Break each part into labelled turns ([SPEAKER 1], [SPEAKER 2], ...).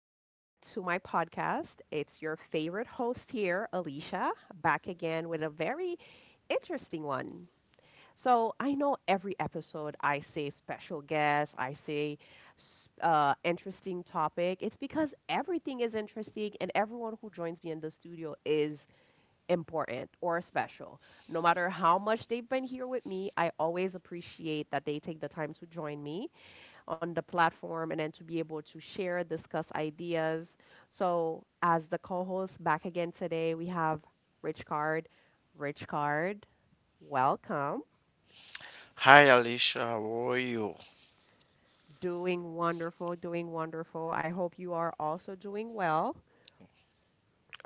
[SPEAKER 1] to my podcast. It's your favorite host here, Alicia, back again with a very interesting one. So, I know every episode I say special guest, I say interesting topic. It's because everything is interesting, and everyone who joins me in the studio is important or special. No matter how much they've been here with me, I always appreciate that they take the time to join me on the platform and then to be able to share, discuss ideas. So, as the co host back again today, we have Rich Card. Rich Card, welcome.
[SPEAKER 2] Hi, Alicia. How are you?
[SPEAKER 1] Doing wonderful, doing wonderful. I hope you are also doing well.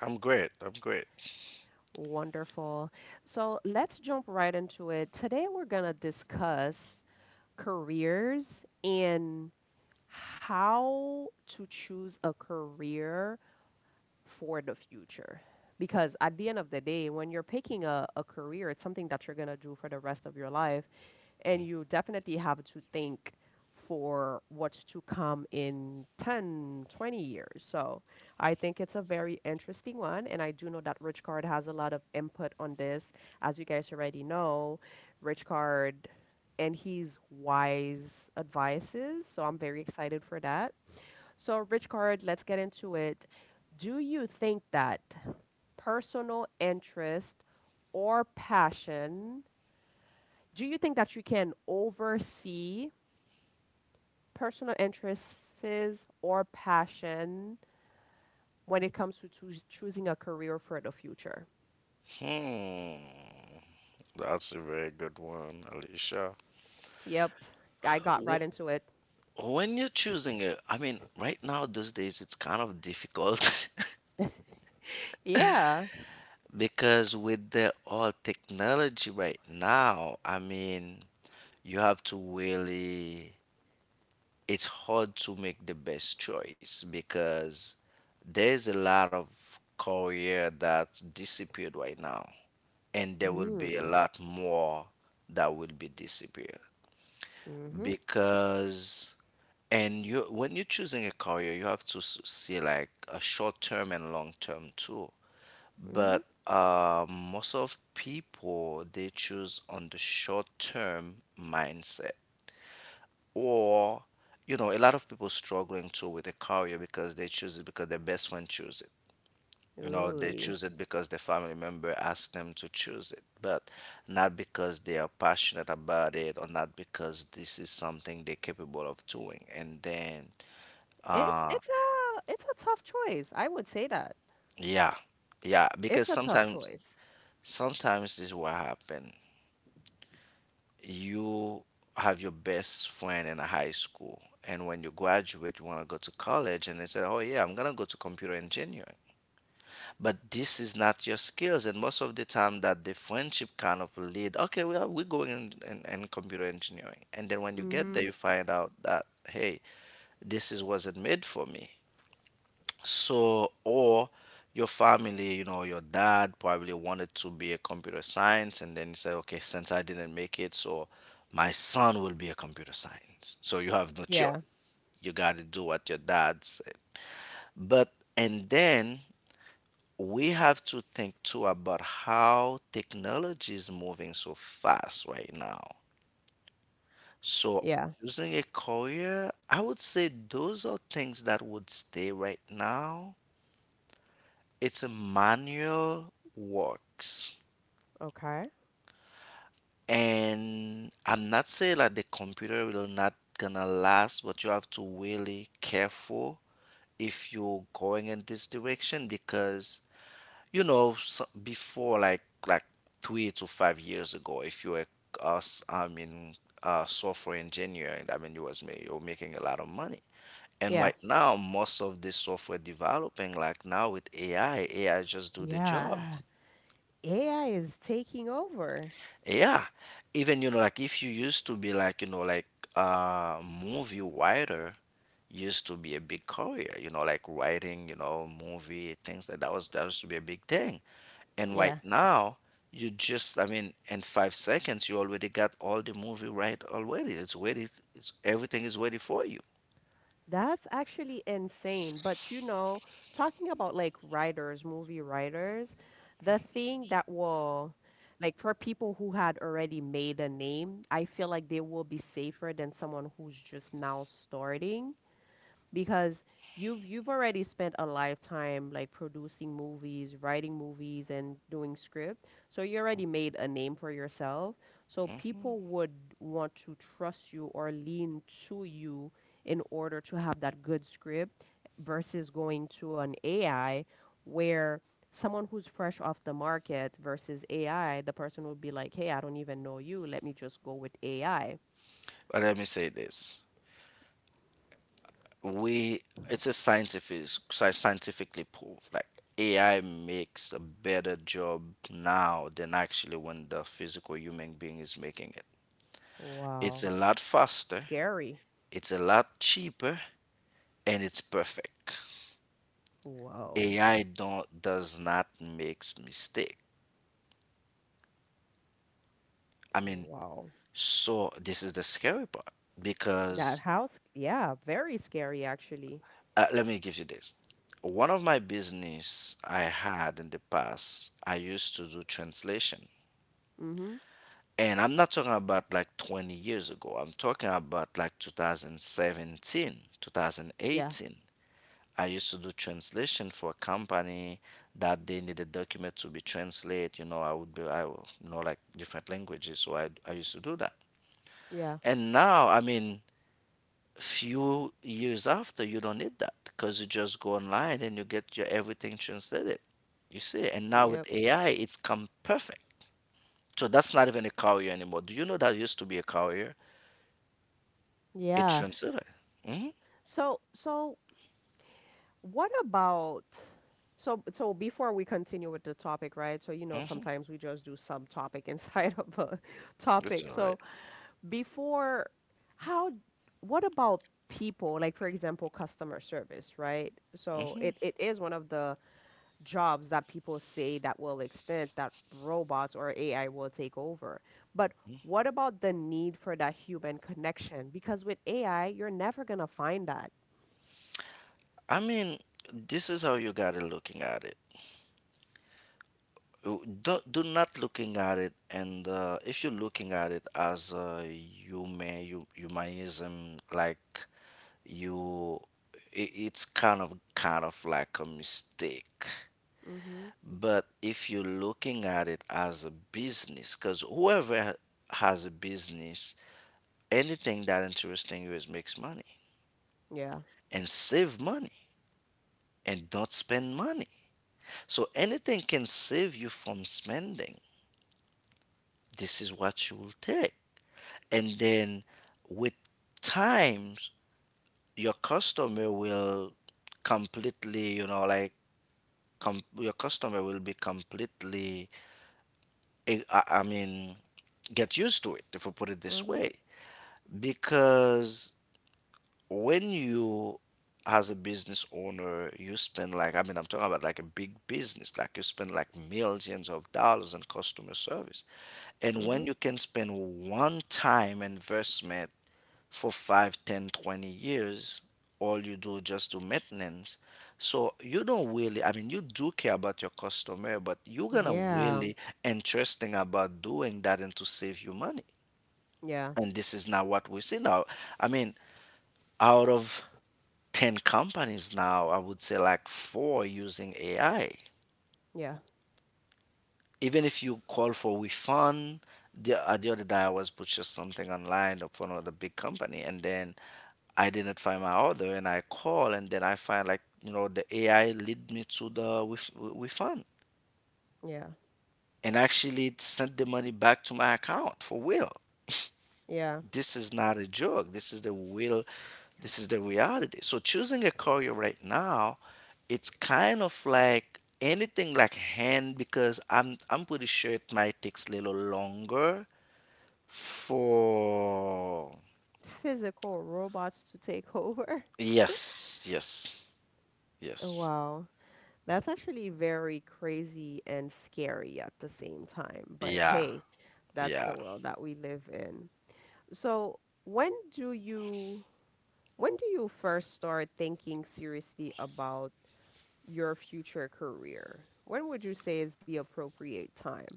[SPEAKER 2] I'm great. I'm great.
[SPEAKER 1] Wonderful. So, let's jump right into it. Today, we're going to discuss careers and how to choose a career for the future. Because at the end of the day, when you're picking a career, it's something that you're going to do for the rest of your life. And you definitely have to think for what's to come in 10, 20 years. So I think it's a very interesting one. And I do know that Rich Card has a lot of input on this. As you guys already know, Rich Card and his wise advices. So I'm very excited for that. So, Richard, let's get into it. Do you think that personal interest or passion, do you think that you can oversee personal interests or passion when it comes to choosing a career for the future?
[SPEAKER 2] Hmm. That's a very good one, Alicia.
[SPEAKER 1] Yep, I got right
[SPEAKER 2] Wh-
[SPEAKER 1] into it.
[SPEAKER 2] When you're choosing it, I mean, right now, these days, it's kind of difficult
[SPEAKER 1] Yeah.
[SPEAKER 2] because with the all technology right now, I mean, you have to really, it's hard to make the best choice because there's a lot of career that disappeared right now. And there will be
[SPEAKER 1] Mm,
[SPEAKER 2] a lot more that will be disappear,
[SPEAKER 1] mhm,
[SPEAKER 2] because and you, when you're choosing a career, you have to see like a short term and long term too.
[SPEAKER 1] mhm.
[SPEAKER 2] But most of people, they choose on the short term mindset, or you know, a lot of people struggling too with a career because they choose it because their best friend chose. You know, they
[SPEAKER 1] Ooh,
[SPEAKER 2] choose it because their family member asked them to choose it, but not because they are passionate about it or not because this is something they're capable of doing. And then,
[SPEAKER 1] it's
[SPEAKER 2] uh,
[SPEAKER 1] it's a it's a tough choice. I would say that.
[SPEAKER 2] yeah, yeah,
[SPEAKER 1] It's
[SPEAKER 2] because
[SPEAKER 1] a tough choice.
[SPEAKER 2] sometimes this is what happen. You have your best friend in high school, and when you graduate, you want to go to college, and they said, "Oh yeah, I'm gonna go to computer engineering." But this is not your skills, and most of the time that the friendship kind of lead, okay well, we're going in computer engineering. And then when you get there,
[SPEAKER 1] Mhm.
[SPEAKER 2] you find out that, hey, this is wasn't made for me. So, or your family, you know, your dad probably wanted to be a computer science, and then he said, okay, since I didn't make it, so my son will be a computer science, so you have no choice.
[SPEAKER 1] Yeah.
[SPEAKER 2] You got to do what your dad said. But and then we have to think too about how technology is moving so fast right now. So,
[SPEAKER 1] Yeah.
[SPEAKER 2] choosing a career, I would say those are things that would stay right now. It's a manual works.
[SPEAKER 1] Okay.
[SPEAKER 2] And I'm not saying that the computer will not gonna last, but you have to really careful if you're going in this direction, because you know, so before, like 3 to 5 years ago, if you were us, I mean, software engineering, I mean, you were making a lot of money. And
[SPEAKER 1] Yeah.
[SPEAKER 2] right now, most of the software developing, like now with AI just do the job.
[SPEAKER 1] Yeah, AI is taking over.
[SPEAKER 2] Yeah, even you know, like if you used to be like, you know, like movie writer, used to be a big career, you know, like writing, you know, movie things like that was that used to be a big thing. And
[SPEAKER 1] Yeah.
[SPEAKER 2] right now, you just, I mean, in 5 seconds, you already got all the movie right already. It's ready. It's everything is ready for you.
[SPEAKER 1] That's actually insane. But you know, talking about like writers, movie writers, the thing that will, like for people who had already made a name, I feel like they will be safer than someone who's just now starting. Because you've already spent a lifetime like producing movies, writing movies and doing script. So you already made a name for yourself. So
[SPEAKER 2] Hmm.
[SPEAKER 1] people would want to trust you or lean to you in order to have that good script versus going to an AI where someone who's fresh off the market versus AI, the person would be like, "Hey, I don't even know you. Let me just go with AI."
[SPEAKER 2] But let me say this: we it's a scientific, scientifically proved. Like AI makes a better job now than actually when the physical human being is making it. It's a
[SPEAKER 1] Wow.
[SPEAKER 2] lot faster.
[SPEAKER 1] Scary.
[SPEAKER 2] It's a lot cheaper, and it's perfect.
[SPEAKER 1] Wow.
[SPEAKER 2] AI don't does not makes mistake. I mean,
[SPEAKER 1] Wow.
[SPEAKER 2] so this is the scary part,
[SPEAKER 1] That
[SPEAKER 2] because
[SPEAKER 1] house, yeah, very scary actually.
[SPEAKER 2] let me give you this. One of my business I had in the past, I used to do translation.
[SPEAKER 1] Mm-hmm.
[SPEAKER 2] And I'm not talking about like 20 years ago. I'm talking about like 2017,
[SPEAKER 1] Yeah,
[SPEAKER 2] 2018. I used to do translation for a company that they needed document to be translated. You know, I would know like different languages. So I used to do that.
[SPEAKER 1] yeah,
[SPEAKER 2] And now, I mean, few years after, you don't need that because you just go online and you get your everything translated, you see. And now with
[SPEAKER 1] yep,
[SPEAKER 2] AI, it's come perfect. So that's not even a courier anymore. Do you know that used to be a courier, a
[SPEAKER 1] yeah.
[SPEAKER 2] translator? Hmm.
[SPEAKER 1] So, what about? So, before we continue with the topic, right? So, you know,
[SPEAKER 2] Hmm.
[SPEAKER 1] sometimes we just do subtopic inside of a
[SPEAKER 2] It's
[SPEAKER 1] topic.
[SPEAKER 2] all right.
[SPEAKER 1] So, before, how? What about people? Like, for example, customer service, right? So,
[SPEAKER 2] Mm-hmm. Mm-hmm.
[SPEAKER 1] it is one of the jobs that people say that will extend that robots or AI will take over. But what about the need for that human connection? Because with AI, you're never gonna find that.
[SPEAKER 2] I mean, this is how you gotta looking at it. Do not looking at it, and if you're looking at it as a human, you, humanism, like you it's kind of like a mistake.
[SPEAKER 1] Mm-hmm.
[SPEAKER 2] But if you're looking at it as a business, because whoever has a business, anything that interesting you is makes money,
[SPEAKER 1] Yeah.
[SPEAKER 2] and save money, and don't spend money. So anything can save you from spending, this is what you will take. And then with times your customer will completely, you know, like your customer will be completely, I mean, get used to it, if we put it this
[SPEAKER 1] Mm-hmm.
[SPEAKER 2] way. Because when you, as a business owner, you spend like, I mean, I'm talking about like a big business, like you spend like millions of dollars on customer service. And when
[SPEAKER 1] Mm-hmm.
[SPEAKER 2] you can spend one time investment for 5, 10, 20 years, all you do just do maintenance. So you don't really, I mean, you do care about your customer, but you're gonna
[SPEAKER 1] Yeah.
[SPEAKER 2] really interesting about doing that and to save you money.
[SPEAKER 1] Yeah.
[SPEAKER 2] And this is not what we see now. I mean, out of 10 companies now, I would say like four using AI.
[SPEAKER 1] Yeah.
[SPEAKER 2] Even if you call for refund, the other day, I was purchased something online for another big company. And then I didn't find my order and I call, and then I find like, you know, the AI lead me to the with refund.
[SPEAKER 1] Yeah.
[SPEAKER 2] And actually it sent the money back to my account for real.
[SPEAKER 1] Yeah.
[SPEAKER 2] This is not a joke. This is the real, this is the reality. So, choosing a career right now, it's kind of like anything like hand, because I'm pretty sure it might takes a little longer for.
[SPEAKER 1] Physical robots to take over.
[SPEAKER 2] Yes, yes, yes.
[SPEAKER 1] Wow. That's actually very crazy and scary at the same time. But
[SPEAKER 2] Yeah,
[SPEAKER 1] hey, that's the
[SPEAKER 2] yeah.
[SPEAKER 1] world that we live in. So, when do you when do you first start thinking seriously about your future career? When would you say is the appropriate time?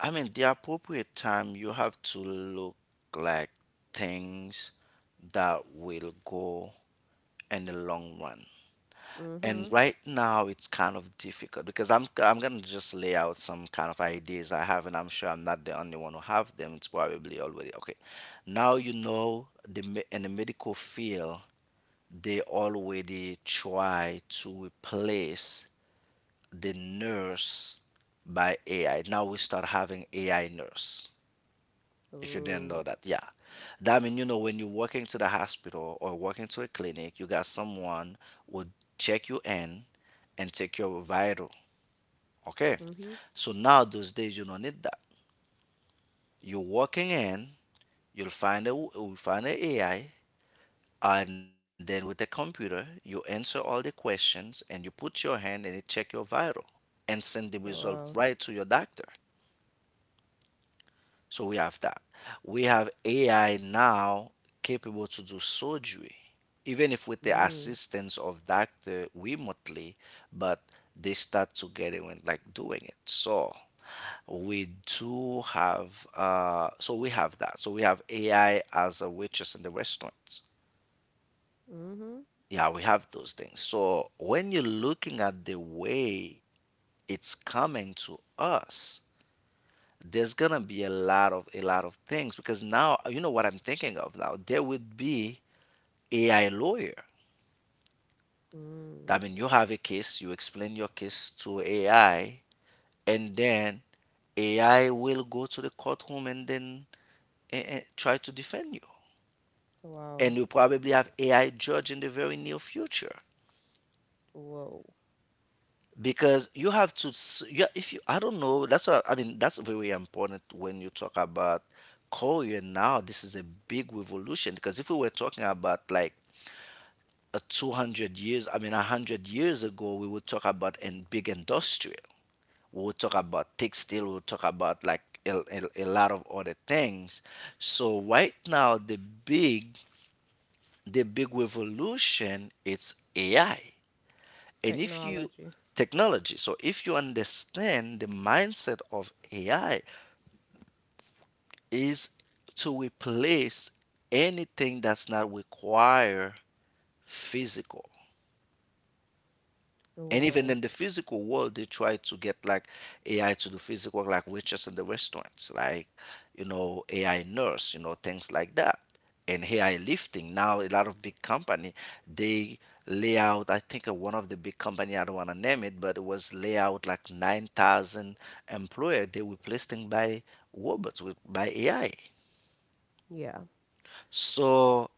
[SPEAKER 2] I mean, the appropriate time, you have to look like things that will go in the long run.
[SPEAKER 1] Mm-hmm.
[SPEAKER 2] And right now it's kind of difficult because I'm gonna just lay out some kind of ideas I have, and I'm sure I'm not the only one who have them. It's probably already okay. Now you know the in the medical field, they already try to replace the nurse by AI. Now we start having AI nurse. If you didn't
[SPEAKER 1] Oh.
[SPEAKER 2] know that, yeah. That mean, you know, when you're walking to the hospital or walking to a clinic, you got someone would check you in and take your vital. Okay.
[SPEAKER 1] Mm-hmm.
[SPEAKER 2] So now those days you don't need that. You're walking in, you'll find an AI, and then with the computer, you answer all the questions and you put your hand and it check your vital and send the result
[SPEAKER 1] Wow.
[SPEAKER 2] right to your doctor. So we have that. We have AI now capable to do surgery, even if with the
[SPEAKER 1] Mm.
[SPEAKER 2] assistance of doctor remotely, but they start to get it when like doing it. So we have that. So we have AI as a waitress in the restaurant.
[SPEAKER 1] Mm-hmm.
[SPEAKER 2] Yeah, we have those things. So when you're looking at the way it's coming to us, there's gonna be a lot of things, because now you know what I'm thinking of now. There would be AI lawyer.
[SPEAKER 1] Mm.
[SPEAKER 2] I mean, you have a case, you explain your case to AI, and then AI will go to the courtroom and then try to defend you. And
[SPEAKER 1] Wow.
[SPEAKER 2] you probably have AI judge in the very near future,
[SPEAKER 1] Whoa.
[SPEAKER 2] because you have to. Yeah, if you, I don't know. That's what I mean. That's very important when you talk about Korea now. This is a big revolution, because if we were talking about like 200 years, I mean, 100 years ago, we would talk about in big industrial. We would talk about textile. We would talk about like a lot of other things. So right now, the big revolution is AI. And if you
[SPEAKER 1] Technology.
[SPEAKER 2] technology, so if you understand the mindset of AI is to replace anything that's not require physical. And even in
[SPEAKER 1] Whoa.
[SPEAKER 2] the physical world, they try to get like AI to do physical, like waitress in the restaurants, like, you know, AI nurse, you know, things like that. And AI lifting. Now, a lot of big company, they lay out, I think one of the big company, I don't want to name it, but it was lay out like 9,000 employer they replacing by robots, by AI.
[SPEAKER 1] Yeah.
[SPEAKER 2] So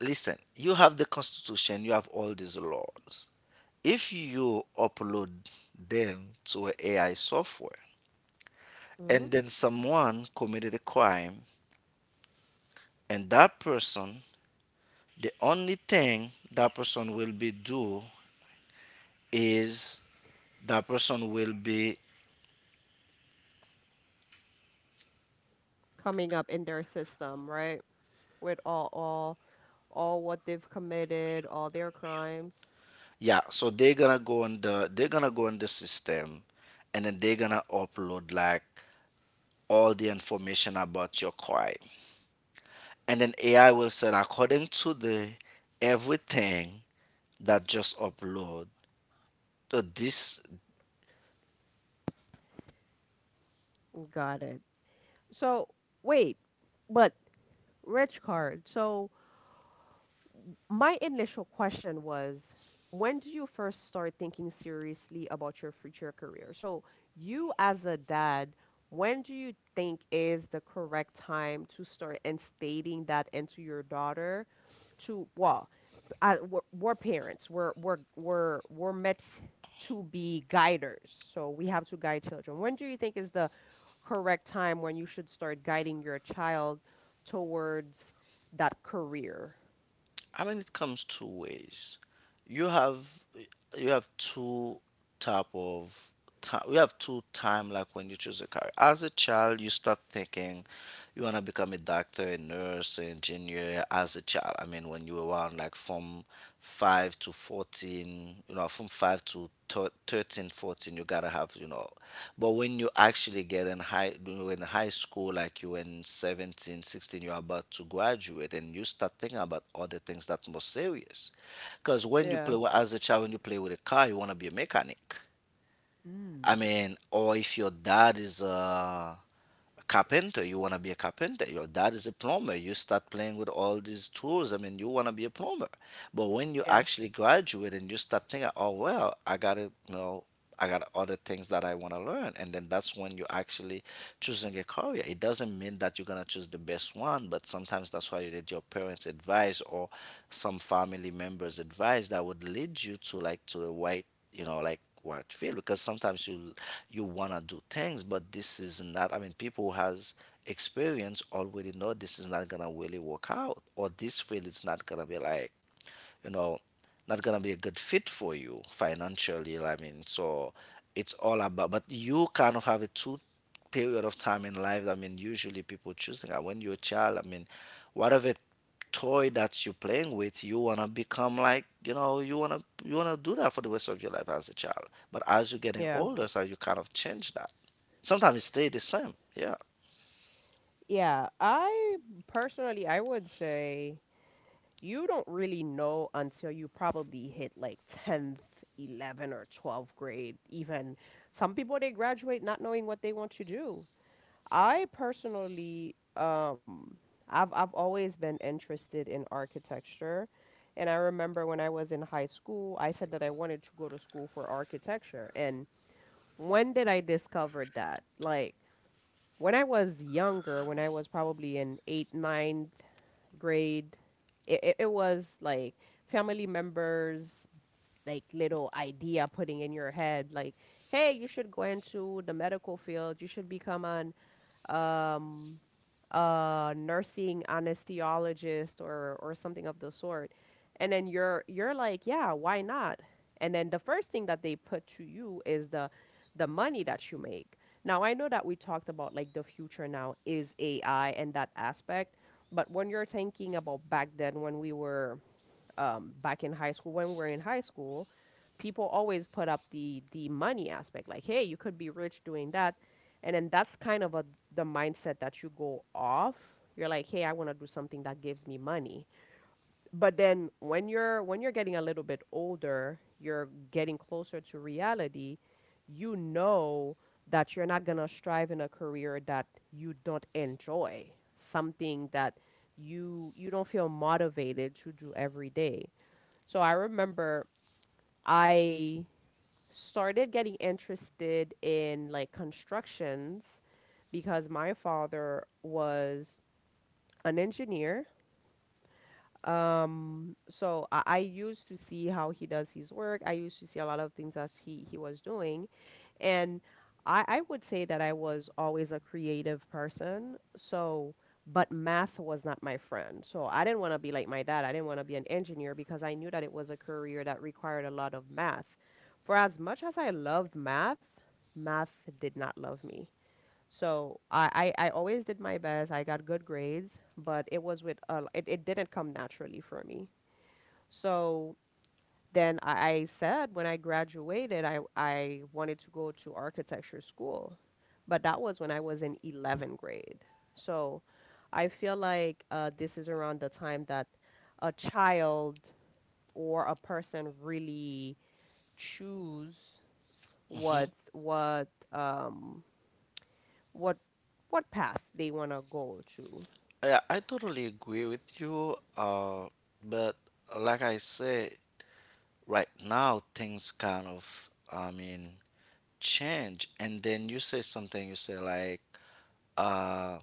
[SPEAKER 2] listen, you have the constitution, you have all these laws. If you upload them to an a AI software, and
[SPEAKER 1] Mm-hmm.
[SPEAKER 2] then someone committed a crime, and that person, the only thing that person will be do is that person will be.
[SPEAKER 1] Coming up in their system, right? With all what they've committed, all their crimes.
[SPEAKER 2] Yeah, so they're gonna go on the system, and then they're gonna upload like all the information about your crime. And then AI will say, according to the everything that just upload, so this.
[SPEAKER 1] Got it. So wait, but rich card. So my initial question was, when do you first start thinking seriously about your future career? So you as a dad, when do you think is the correct time to start instating that into your daughter to well, were parents. We're meant to be guiders. So we have to guide children. When do you think is the correct time when you should start guiding your child towards that career?
[SPEAKER 2] I mean, it comes two ways. You have you have two type of time. You have two time like when you choose a career. As a child, you start thinking you wanna become a doctor, a nurse, an engineer. As a child, I mean, when you were around like from 5 to 14, you know, 13 14, you gotta have you know. But when you actually get in high when you're in high school, like you in 17, 16, you're about to graduate and you start thinking about other things that more serious. Because when you
[SPEAKER 1] Yeah.
[SPEAKER 2] play as a child, when you play with a car, you want to be a mechanic. I
[SPEAKER 1] Mm.
[SPEAKER 2] mean, or if your dad is a carpenter, you want to be a carpenter. Your dad is a plumber, you start playing with all these tools. I mean, you want to be a plumber. But when you
[SPEAKER 1] Yeah.
[SPEAKER 2] actually graduate and you start thinking, oh well, I gotta you know I got other things that I want to learn, and then that's when you actually choosing a career. It doesn't mean that you're gonna choose the best one, but sometimes that's why you need your parents advice or some family members advice that would lead you to like to the right, you know, like what field. Because sometimes you you wanna do things, but this is not, I mean, people who has experience already know this is not gonna really work out, or this field is not gonna be like, you know, not gonna be a good fit for you financially. I mean, so it's all about. But you kind of have a two period of time in life. I mean, usually people choosing when you're a child. I mean, whatever toy that you're playing with, you wanna become like, you know, you wanna do that for the rest of your life as a child. But as you're getting
[SPEAKER 1] Yeah.
[SPEAKER 2] older, so you kind of change that. Sometimes it stay the same. Yeah.
[SPEAKER 1] Yeah, I personally I would say you don't really know until you probably hit like 10th, 11th or 12th grade even. Some people they graduate not knowing what they want to do. I personally, I've always been interested in architecture, and I remember when I was in high school, I said that I wanted to go to school for architecture. And when did I discover that? Like when I was younger, when I was probably in eighth, ninth grade, it was like family members, like little idea putting in your head, like, hey, you should go into the medical field, you should become an um, a nursing anesthesiologist or something of the sort. And then you're like, yeah, why not? And then the first thing that they put to you is the money that you make. Now I know that we talked about like the future now is AI and that aspect, but when you're thinking about back then when we were back in high school, when we were in high school, people always put up the money aspect, like, hey, you could be rich doing that, and then that's kind of a the mindset that you go off. You're like, hey, I want to do something that gives me money. But then when you're getting a little bit older, you're getting closer to reality. You know that you're not gonna strive in a career that you don't enjoy, something that you don't feel motivated to do every day. So I remember I started getting interested in like constructions because my father was an engineer. So I used to see how he does his work. I used to see a lot of things that he was doing. And I would say that I was always a creative person. So, but math was not my friend. So I didn't want to be like my dad. I didn't want to be an engineer because I knew that it was a career that required a lot of math. For as much as I loved math, math did not love me. So I always did my best. I got good grades, but it was with it didn't come naturally for me. So then I said when I graduated, I wanted to go to architecture school, but that was when I was in 11th grade. So I feel like this is around the time that a child or a person really choose what
[SPEAKER 2] Hmm.
[SPEAKER 1] what um what what path they want to go to.
[SPEAKER 2] Yeah, I totally agree with you. But like I say, right now things kind of, I mean, change. And then you say something, you say like, uh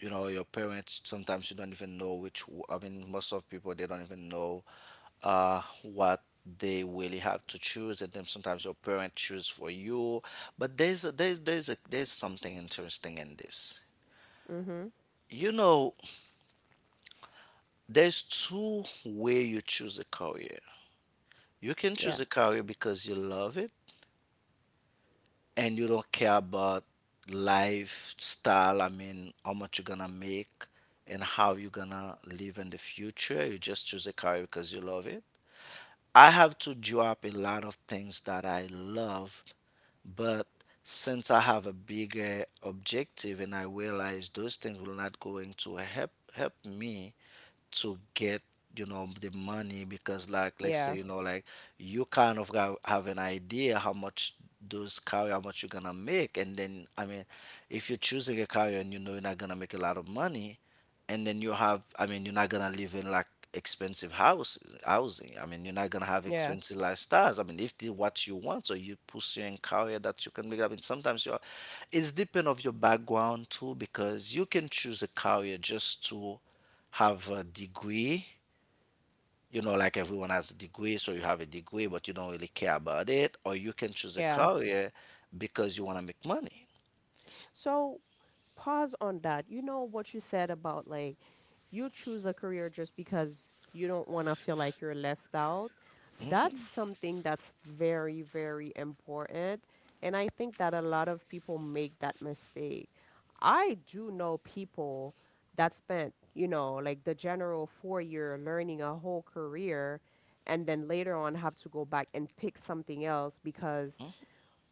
[SPEAKER 2] you know, your parents, sometimes you don't even know which I mean, most of people they don't even know what they really have to choose, and then sometimes your parent choose for you. But there's something interesting in this,
[SPEAKER 1] Mm-hmm.
[SPEAKER 2] you know. There's two way you choose a career. You can choose
[SPEAKER 1] Yeah.
[SPEAKER 2] a career because you love it and you don't care about lifestyle. I mean, how much you're gonna make and how you're gonna live in the future. You just choose a career because you love it. I have to drop a lot of things that I love, but since I have a bigger objective and I realize those things will not going to help me to get, you know, the money. Because like, let's say,
[SPEAKER 1] Yeah.
[SPEAKER 2] you know, like you kind of have an idea how much those carrier, how much you're gonna make. And then, I mean, if you're choosing a carrier and you know you're not gonna make a lot of money, and then you have, I mean, you're not gonna live in like expensive houses housing. I mean, you're not gonna have
[SPEAKER 1] Yeah.
[SPEAKER 2] expensive lifestyles. I mean, if the what you want, so you pursuing career that you can make. I mean, sometimes you are, it's depend of your background too. Because you can choose a career just to have a degree, you know, like everyone has a degree, so you have a degree but you don't really care about it. Or you can choose a
[SPEAKER 1] Yeah.
[SPEAKER 2] career because you want to make money.
[SPEAKER 1] So pause on that. You know what you said about like you choose a career just because you don't want to feel like you're left out. That's something that's very, very important. And I think that a lot of people make that mistake. I do know people that spent, you know, like the general 4 year learning a whole career and then later on have to go back and pick something else because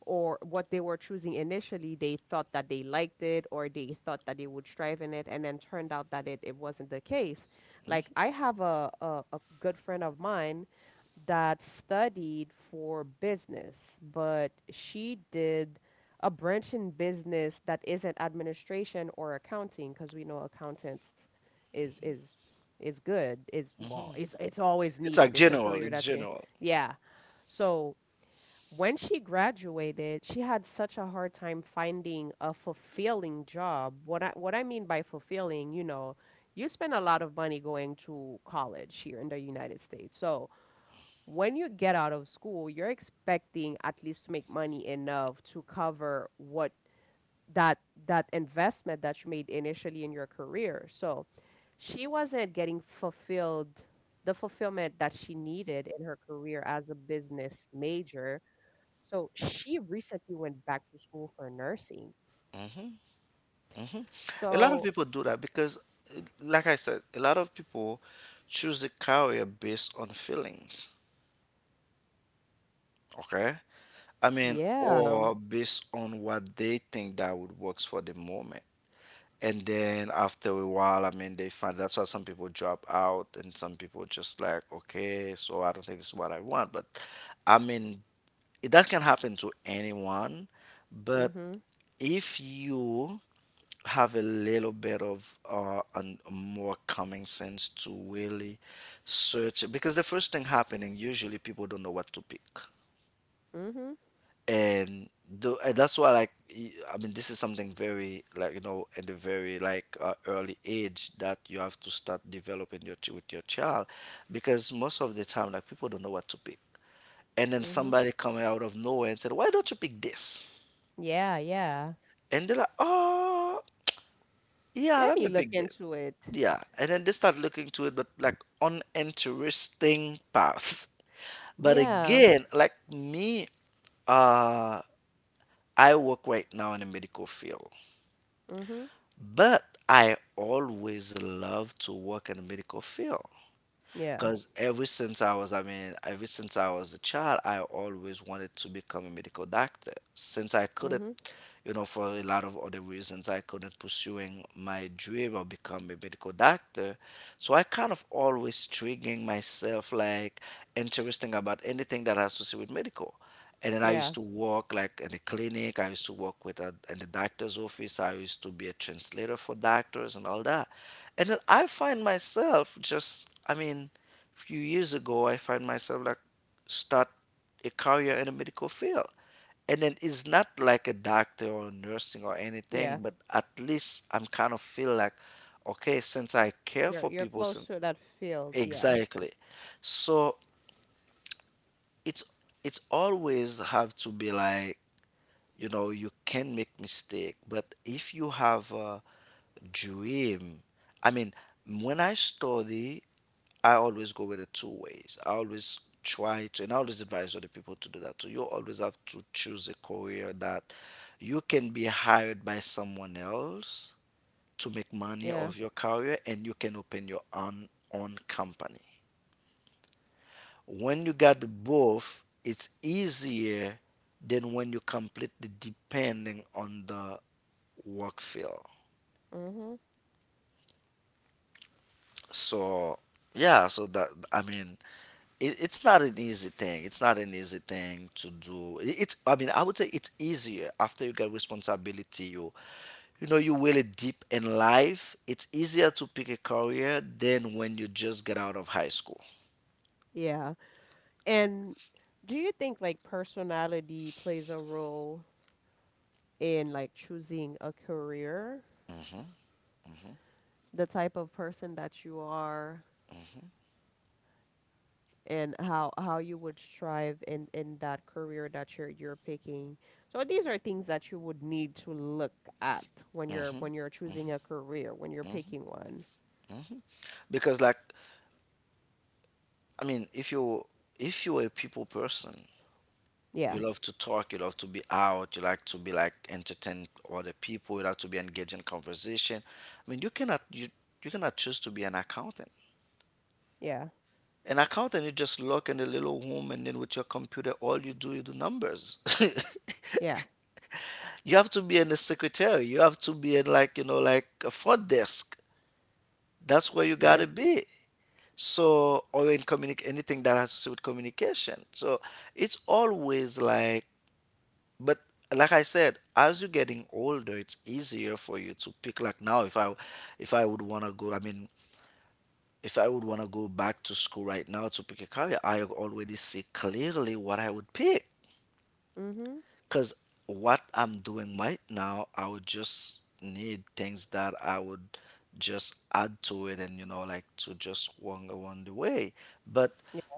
[SPEAKER 1] or what they were choosing initially, they thought that they liked it or they thought that they would strive in it, and then turned out that it wasn't the case. Like,
[SPEAKER 2] Mhm,
[SPEAKER 1] I have a, a good friend of mine that studied for business, but she did a branch in business that isn't administration or accounting, because we know accountants is is is good is well
[SPEAKER 2] mhm.
[SPEAKER 1] it's always
[SPEAKER 2] It's like
[SPEAKER 1] needed. It's a
[SPEAKER 2] general,
[SPEAKER 1] career
[SPEAKER 2] it's
[SPEAKER 1] that's in,
[SPEAKER 2] general.
[SPEAKER 1] yeah, so when she graduated, she had such a hard time finding a fulfilling job. What what I mean by fulfilling, you know, you spend a lot of money going to college here in the United States. So when you get out of school, you're expecting at least to make money enough to cover what that that investment that you made initially in your career. So she wasn't getting fulfilled the fulfillment that she needed in her career as a business major, so she recently went back to school for nursing.
[SPEAKER 2] Hmm, hmm. A lot of
[SPEAKER 1] So
[SPEAKER 2] people do that because, like I said, a lot of people choose a career based on feelings, okay. I mean,
[SPEAKER 1] yeah,
[SPEAKER 2] or based on what they think that would works for the moment. And then after a while, I mean, they find, that's why some people drop out, and some people just like, okay, so I don't think this is what I want. But, I mean, that can happen to anyone. But
[SPEAKER 1] mhm,
[SPEAKER 2] if you have a little bit of more common sense to really search. Because the first thing happening, usually people don't know what to pick
[SPEAKER 1] mhm,
[SPEAKER 2] and do. And that's why like I mean, this is something very like, you know, at a very like, early age that you have to start developing your with your child. Because most of the time, like people don't know what to pick, and then
[SPEAKER 1] mhm.
[SPEAKER 2] somebody coming out of nowhere and said, why don't you pick this?
[SPEAKER 1] Yeah, yeah.
[SPEAKER 2] And they're like, oh, yeah,
[SPEAKER 1] Let
[SPEAKER 2] let
[SPEAKER 1] me
[SPEAKER 2] me
[SPEAKER 1] look
[SPEAKER 2] pick this.
[SPEAKER 1] into it.
[SPEAKER 2] Yeah, and then they start looking to it, but like uninteresting path. But
[SPEAKER 1] Yeah,
[SPEAKER 2] again, like me, uh I work right now in the medical field.
[SPEAKER 1] mhm,
[SPEAKER 2] But I always loved to work in the medical field.
[SPEAKER 1] yeah,
[SPEAKER 2] Because ever since I mean, ever since I was a child, I always wanted to become a medical doctor. Since I couldn't,
[SPEAKER 1] mhm,
[SPEAKER 2] you know, for a lot of other reasons, I couldn't pursuing my dream of becoming a medical doctor. So I kind of always triggering myself, like interesting about anything that has to do with medical. And then I
[SPEAKER 1] yeah,
[SPEAKER 2] used to work like in a clinic. I used to work in the doctor's office. I used to be a translator for doctors and all that. And then I find myself just, I mean, a few years ago, I find myself like start a career in the medical field. And then it's not like a doctor or nursing or
[SPEAKER 1] yeah.
[SPEAKER 2] anything, but at least I'm kind of feel like, okay, since I care for
[SPEAKER 1] You're
[SPEAKER 2] people,
[SPEAKER 1] close
[SPEAKER 2] since,
[SPEAKER 1] to that field. Yeah,
[SPEAKER 2] exactly. So it's it's always have to be like, you know, you can make mistake, but if you have a dream, I mean, when I study, I always go with it two ways. I always try to, and I always advise other people to do that too. You always have to choose a career that you can be hired by someone else to make money
[SPEAKER 1] yeah,
[SPEAKER 2] of your career, and you can open your own company. When you got both, it's easier than when you completely depending on the work field.
[SPEAKER 1] mhm,
[SPEAKER 2] So yeah, so that, I mean, it's not an easy thing. It's not an easy thing to do. It- It's I mean, I would say it's easier after you get responsibility. You know, you really deep in life. It's easier to pick a career than when you just get out of high school.
[SPEAKER 1] yeah. And do you think like personality plays a role in like choosing a career?
[SPEAKER 2] Hmm, hmm,
[SPEAKER 1] The type of person that you are, and how you would strive in that career that you're picking. So these are things that you would need to look at
[SPEAKER 2] hmm,
[SPEAKER 1] when you're choosing a career, when you're
[SPEAKER 2] hmm,
[SPEAKER 1] picking one.
[SPEAKER 2] hmm. Because like, I mean, if you're a people person,
[SPEAKER 1] Yeah.
[SPEAKER 2] you love to talk, you love to be out, you like to be like entertain other people, you like to be engaged in conversation. I mean, you you cannot choose to be an accountant.
[SPEAKER 1] Yeah.
[SPEAKER 2] An accountant, you just lock in a little room and then with your computer, all you do numbers.
[SPEAKER 1] Yeah.
[SPEAKER 2] You have to be in the secretary. You have to be in like, you know, like a front desk. That's where you gotta
[SPEAKER 1] Yep.
[SPEAKER 2] be. So, or in communic, anything that has to do with communication. So it's always like, but like I said, as you're getting older, it's easier for you to pick. Like now, if I would want to go, I mean, if I would want to go back to school right now to pick a career, I already see clearly what I would pick.
[SPEAKER 1] Mhm.
[SPEAKER 2] Cause what I'm doing right now, I would just need things that I would just add to it, and you know, like to just wander on the way. But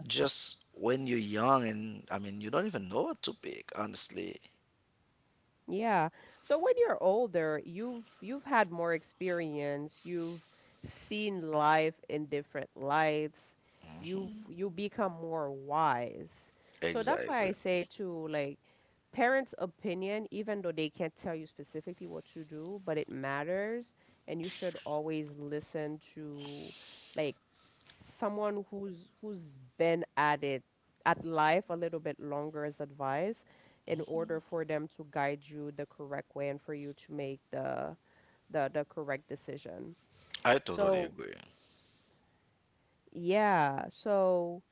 [SPEAKER 2] just when you're young, and I mean, you don't even know what to pick, honestly.
[SPEAKER 1] Yeah. So when you're older, you've had more experience, you've seen life in different lights, you become more wise. So that's why
[SPEAKER 2] Exactly.
[SPEAKER 1] I say to, like, parents' opinion, even though they can't tell you specifically what to do, but it matters, and you should always listen to, like, someone who's been at it at life a little bit longer's advice in order for them to guide you the correct way and for you to make the correct decision.
[SPEAKER 2] I totally
[SPEAKER 1] So,
[SPEAKER 2] agree.
[SPEAKER 1] yeah. So,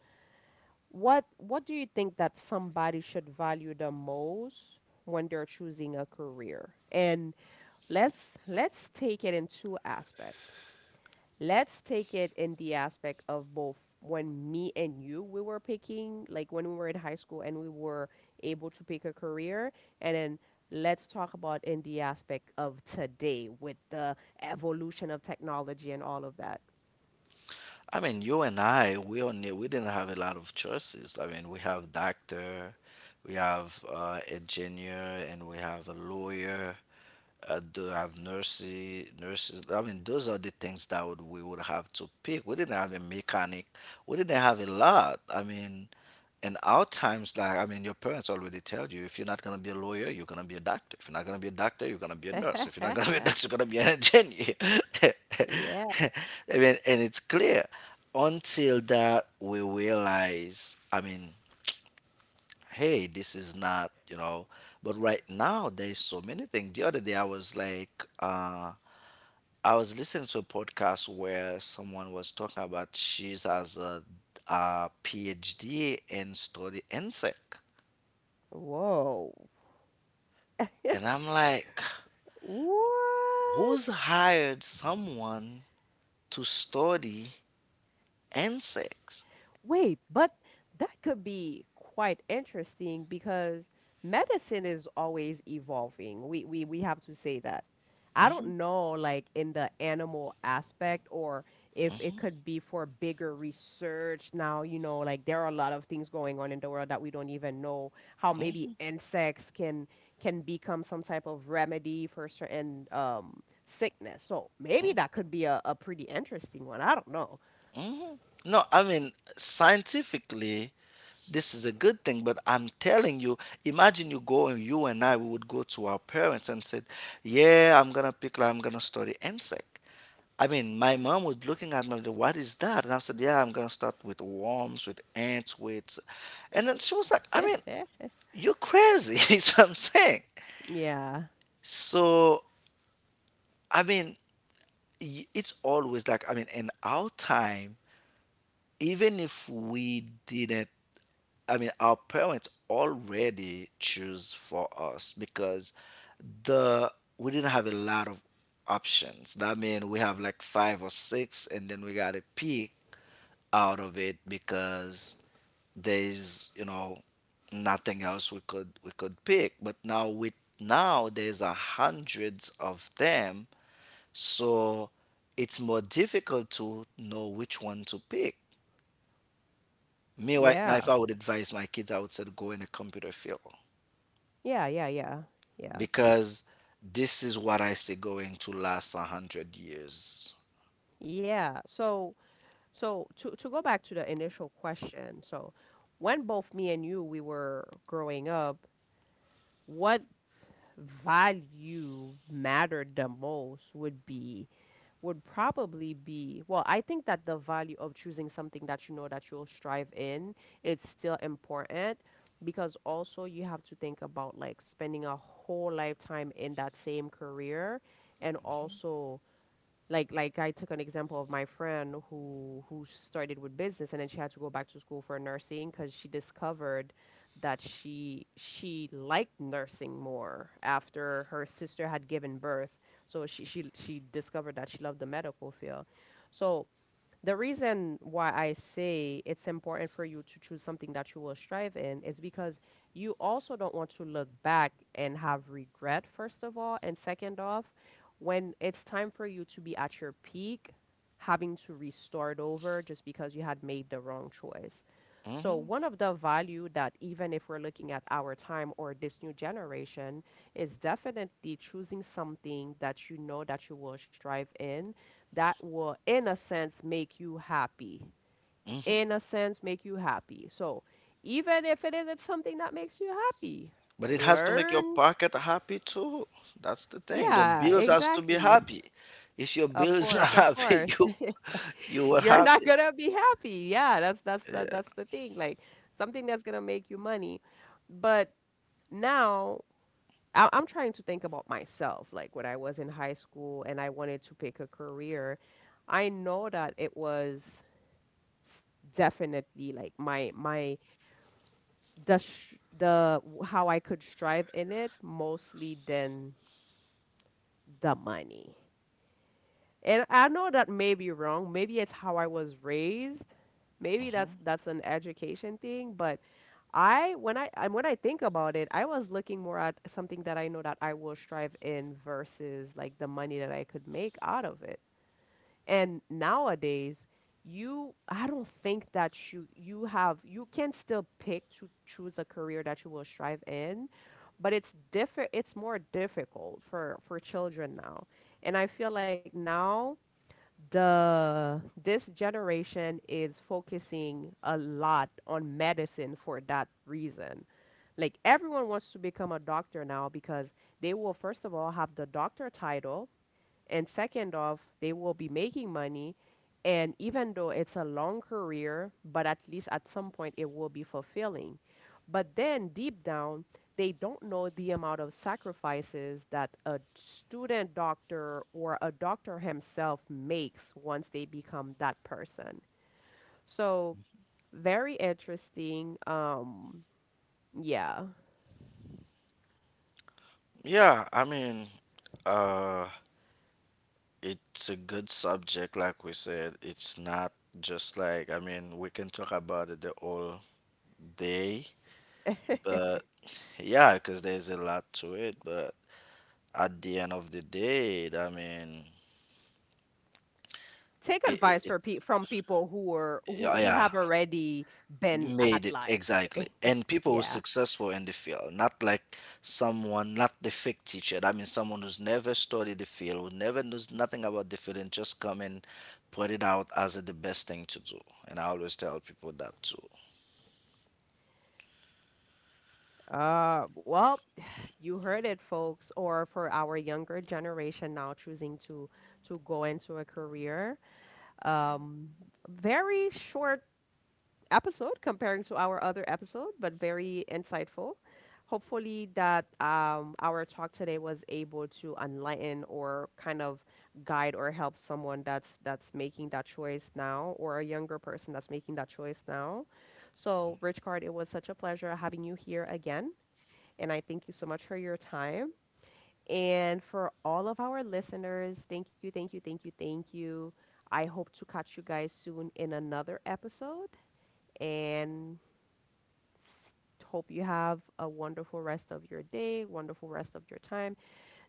[SPEAKER 1] what do you think that somebody should value the most when they're choosing a career? And let's let's take it in two aspects. Let's take it in the aspect of both when me and you we were picking, like when we were in high school and we were able to pick a career, and then let's talk about in the aspect of today with the evolution of technology and all of that.
[SPEAKER 2] I mean, you and I, we didn't have a lot of choices. I mean, we have doctor, we have engineer, and we have a lawyer. Do have nurses. I mean, those are the things that would, we would have to pick. We didn't have a mechanic. We didn't have a lot. I mean, and our times, like, I mean, your parents already tell you, if you're not going to be a lawyer, you're going to be a doctor. If you're not going to be a doctor, you're going to be a nurse. If you're not going to be a nurse, you're going to be an engineer.
[SPEAKER 1] Yeah.
[SPEAKER 2] I mean, and it's clear until that we realize, I mean, hey, this is not, you know. But right now there's so many things. The other day I was like, I was listening to a podcast where someone was talking about she's as a PhD in study insect.
[SPEAKER 1] Whoa.
[SPEAKER 2] And I'm like,
[SPEAKER 1] What?
[SPEAKER 2] who's hired someone to study insects?
[SPEAKER 1] Wait, but that could be quite interesting because medicine is always evolving. We have to say that. I don't know, like in the animal aspect, or if it could be for bigger research now, you know, like there are a lot of things going on in the world that we don't even know how maybe insects can become some type of remedy for certain sickness. So maybe that could be a pretty interesting one. I don't know.
[SPEAKER 2] Hmm. No, I mean, scientifically, this is a good thing, but I'm telling you, imagine you go, and you and I we would go to our parents and said, yeah, I'm gonna pick, like, I'm gonna study insect. I mean, my mom was looking at me, like, what is that? And I said, yeah, I'm going to start with worms, with ants, with. And then she was like, I mean, you're crazy, is what I'm saying.
[SPEAKER 1] Yeah.
[SPEAKER 2] So, I mean, it's always like, I mean, in our time, even if we didn't, I mean, our parents already choose for us. Because the we didn't have a lot of options. That means we have like five or six and then we gotta pick out of it. Because there's, you know, nothing else we could pick. But now with, now there's a hundreds of them. So it's more difficult to know which one to pick. Me right now,
[SPEAKER 1] Yeah.
[SPEAKER 2] if I would advise my kids, I would say to go in the computer field.
[SPEAKER 1] Yeah, yeah, yeah. Yeah.
[SPEAKER 2] Because this is what I see going to last 100 years.
[SPEAKER 1] Yeah. So to go back to the initial question. So when both me and you we were growing up, what value mattered the most would be would probably be, well, I think that the value of choosing something that you know that you'll strive in, it's still important because also you have to think about like spending a whole lifetime in that same career, and also like I took an example of my friend who started with business and then she had to go back to school for nursing because she discovered that she liked nursing more after her sister had given birth. So she she discovered that she loved the medical field. So the reason why I say it's important for you to choose something that you will strive in is because you also don't want to look back and have regret, first of all, and second off, when it's time for you to be at your peak, having to restart over just because you had made the wrong choice. So
[SPEAKER 2] Hmm.
[SPEAKER 1] one of the value that even if we're looking at our time or this new generation is definitely choosing something that you know that you will strive in, that will in a sense make you happy, in a sense make you happy, so even if it isn't something that makes you happy,
[SPEAKER 2] But it has to make your
[SPEAKER 1] learn.
[SPEAKER 2] pocket happy too. That's the thing. The
[SPEAKER 1] Yeah,
[SPEAKER 2] bills has to be
[SPEAKER 1] exactly.
[SPEAKER 2] happy. If your
[SPEAKER 1] Of
[SPEAKER 2] bills not
[SPEAKER 1] course, of
[SPEAKER 2] happy,
[SPEAKER 1] course.
[SPEAKER 2] you will
[SPEAKER 1] You're not
[SPEAKER 2] happy.
[SPEAKER 1] gonna be happy, yeah. That's that's the thing, like something that's gonna make you money. But now I'm trying to think about myself, like when I was in high school and I wanted to pick a career, I know that it was definitely, like my the sh the w- how I could strive in it mostly than the money. And I know that may be wrong. Maybe it's how I was raised. Maybe
[SPEAKER 2] Hmm.
[SPEAKER 1] that's an education thing, but I when I and when I think about it, I was looking more at something that I know that I will strive in versus like the money that I could make out of it. And nowadays, you, I don't think that you have you can still pick to choose a career that you will strive in, but it's different. It's more difficult for children now, and I feel like now the this generation is focusing a lot on medicine for that reason. Like everyone wants to become a doctor now because they will first of all have the doctor title, and second off, they will be making money. And even though it's a long career, but at least at some point it will be fulfilling. But then deep down, they don't know the amount of sacrifices that a student doctor or a doctor himself makes once they become that person. So, very interesting. Yeah.
[SPEAKER 2] Yeah, I mean, uh, it's a good subject, like we said. It's not just like, I mean, we can talk about it the whole day, but yeah, because there's a lot to it. But at the end of the day, I mean,
[SPEAKER 1] Take
[SPEAKER 2] it, it,
[SPEAKER 1] advice
[SPEAKER 2] it
[SPEAKER 1] for from people who are
[SPEAKER 2] yeah,
[SPEAKER 1] who
[SPEAKER 2] yeah,
[SPEAKER 1] have already been at
[SPEAKER 2] made it
[SPEAKER 1] life.
[SPEAKER 2] exactly. And people who
[SPEAKER 1] Yeah.
[SPEAKER 2] successful in the field, not like someone, not the fake teacher. I mean, someone who's never studied the field, who never knows nothing about the field, and just come and put it out as the best thing to do. And I always tell people that too.
[SPEAKER 1] Well, you heard it, folks. Or for our younger generation now choosing to go into a career. Um, very short episode comparing to our other episode, but very insightful. Hopefully that our talk today was able to enlighten or kind of guide or help someone that's making that choice now, or a younger person that's making that choice now. So, Rich Card, it was such a pleasure having you here again. And I thank you so much for your time. And for all of our listeners, thank you, thank you, thank you, thank you. I hope to catch you guys soon in another episode and s- hope you have a wonderful rest of your day, wonderful rest of your time,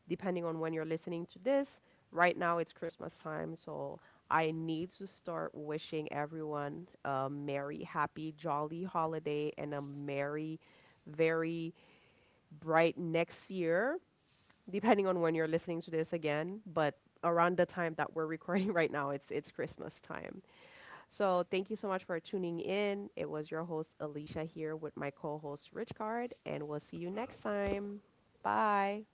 [SPEAKER 1] depending on when you're listening to this. Right now it's Christmas time, so I need to start wishing everyone a merry, happy, jolly holiday and a merry, very bright next year, depending on when you're listening to this again, but around the time that we're recording right now, it's Christmas time. So thank you so much for tuning in. It was your host Alicia here with my co-host Rich, and we'll see you next time. Bye.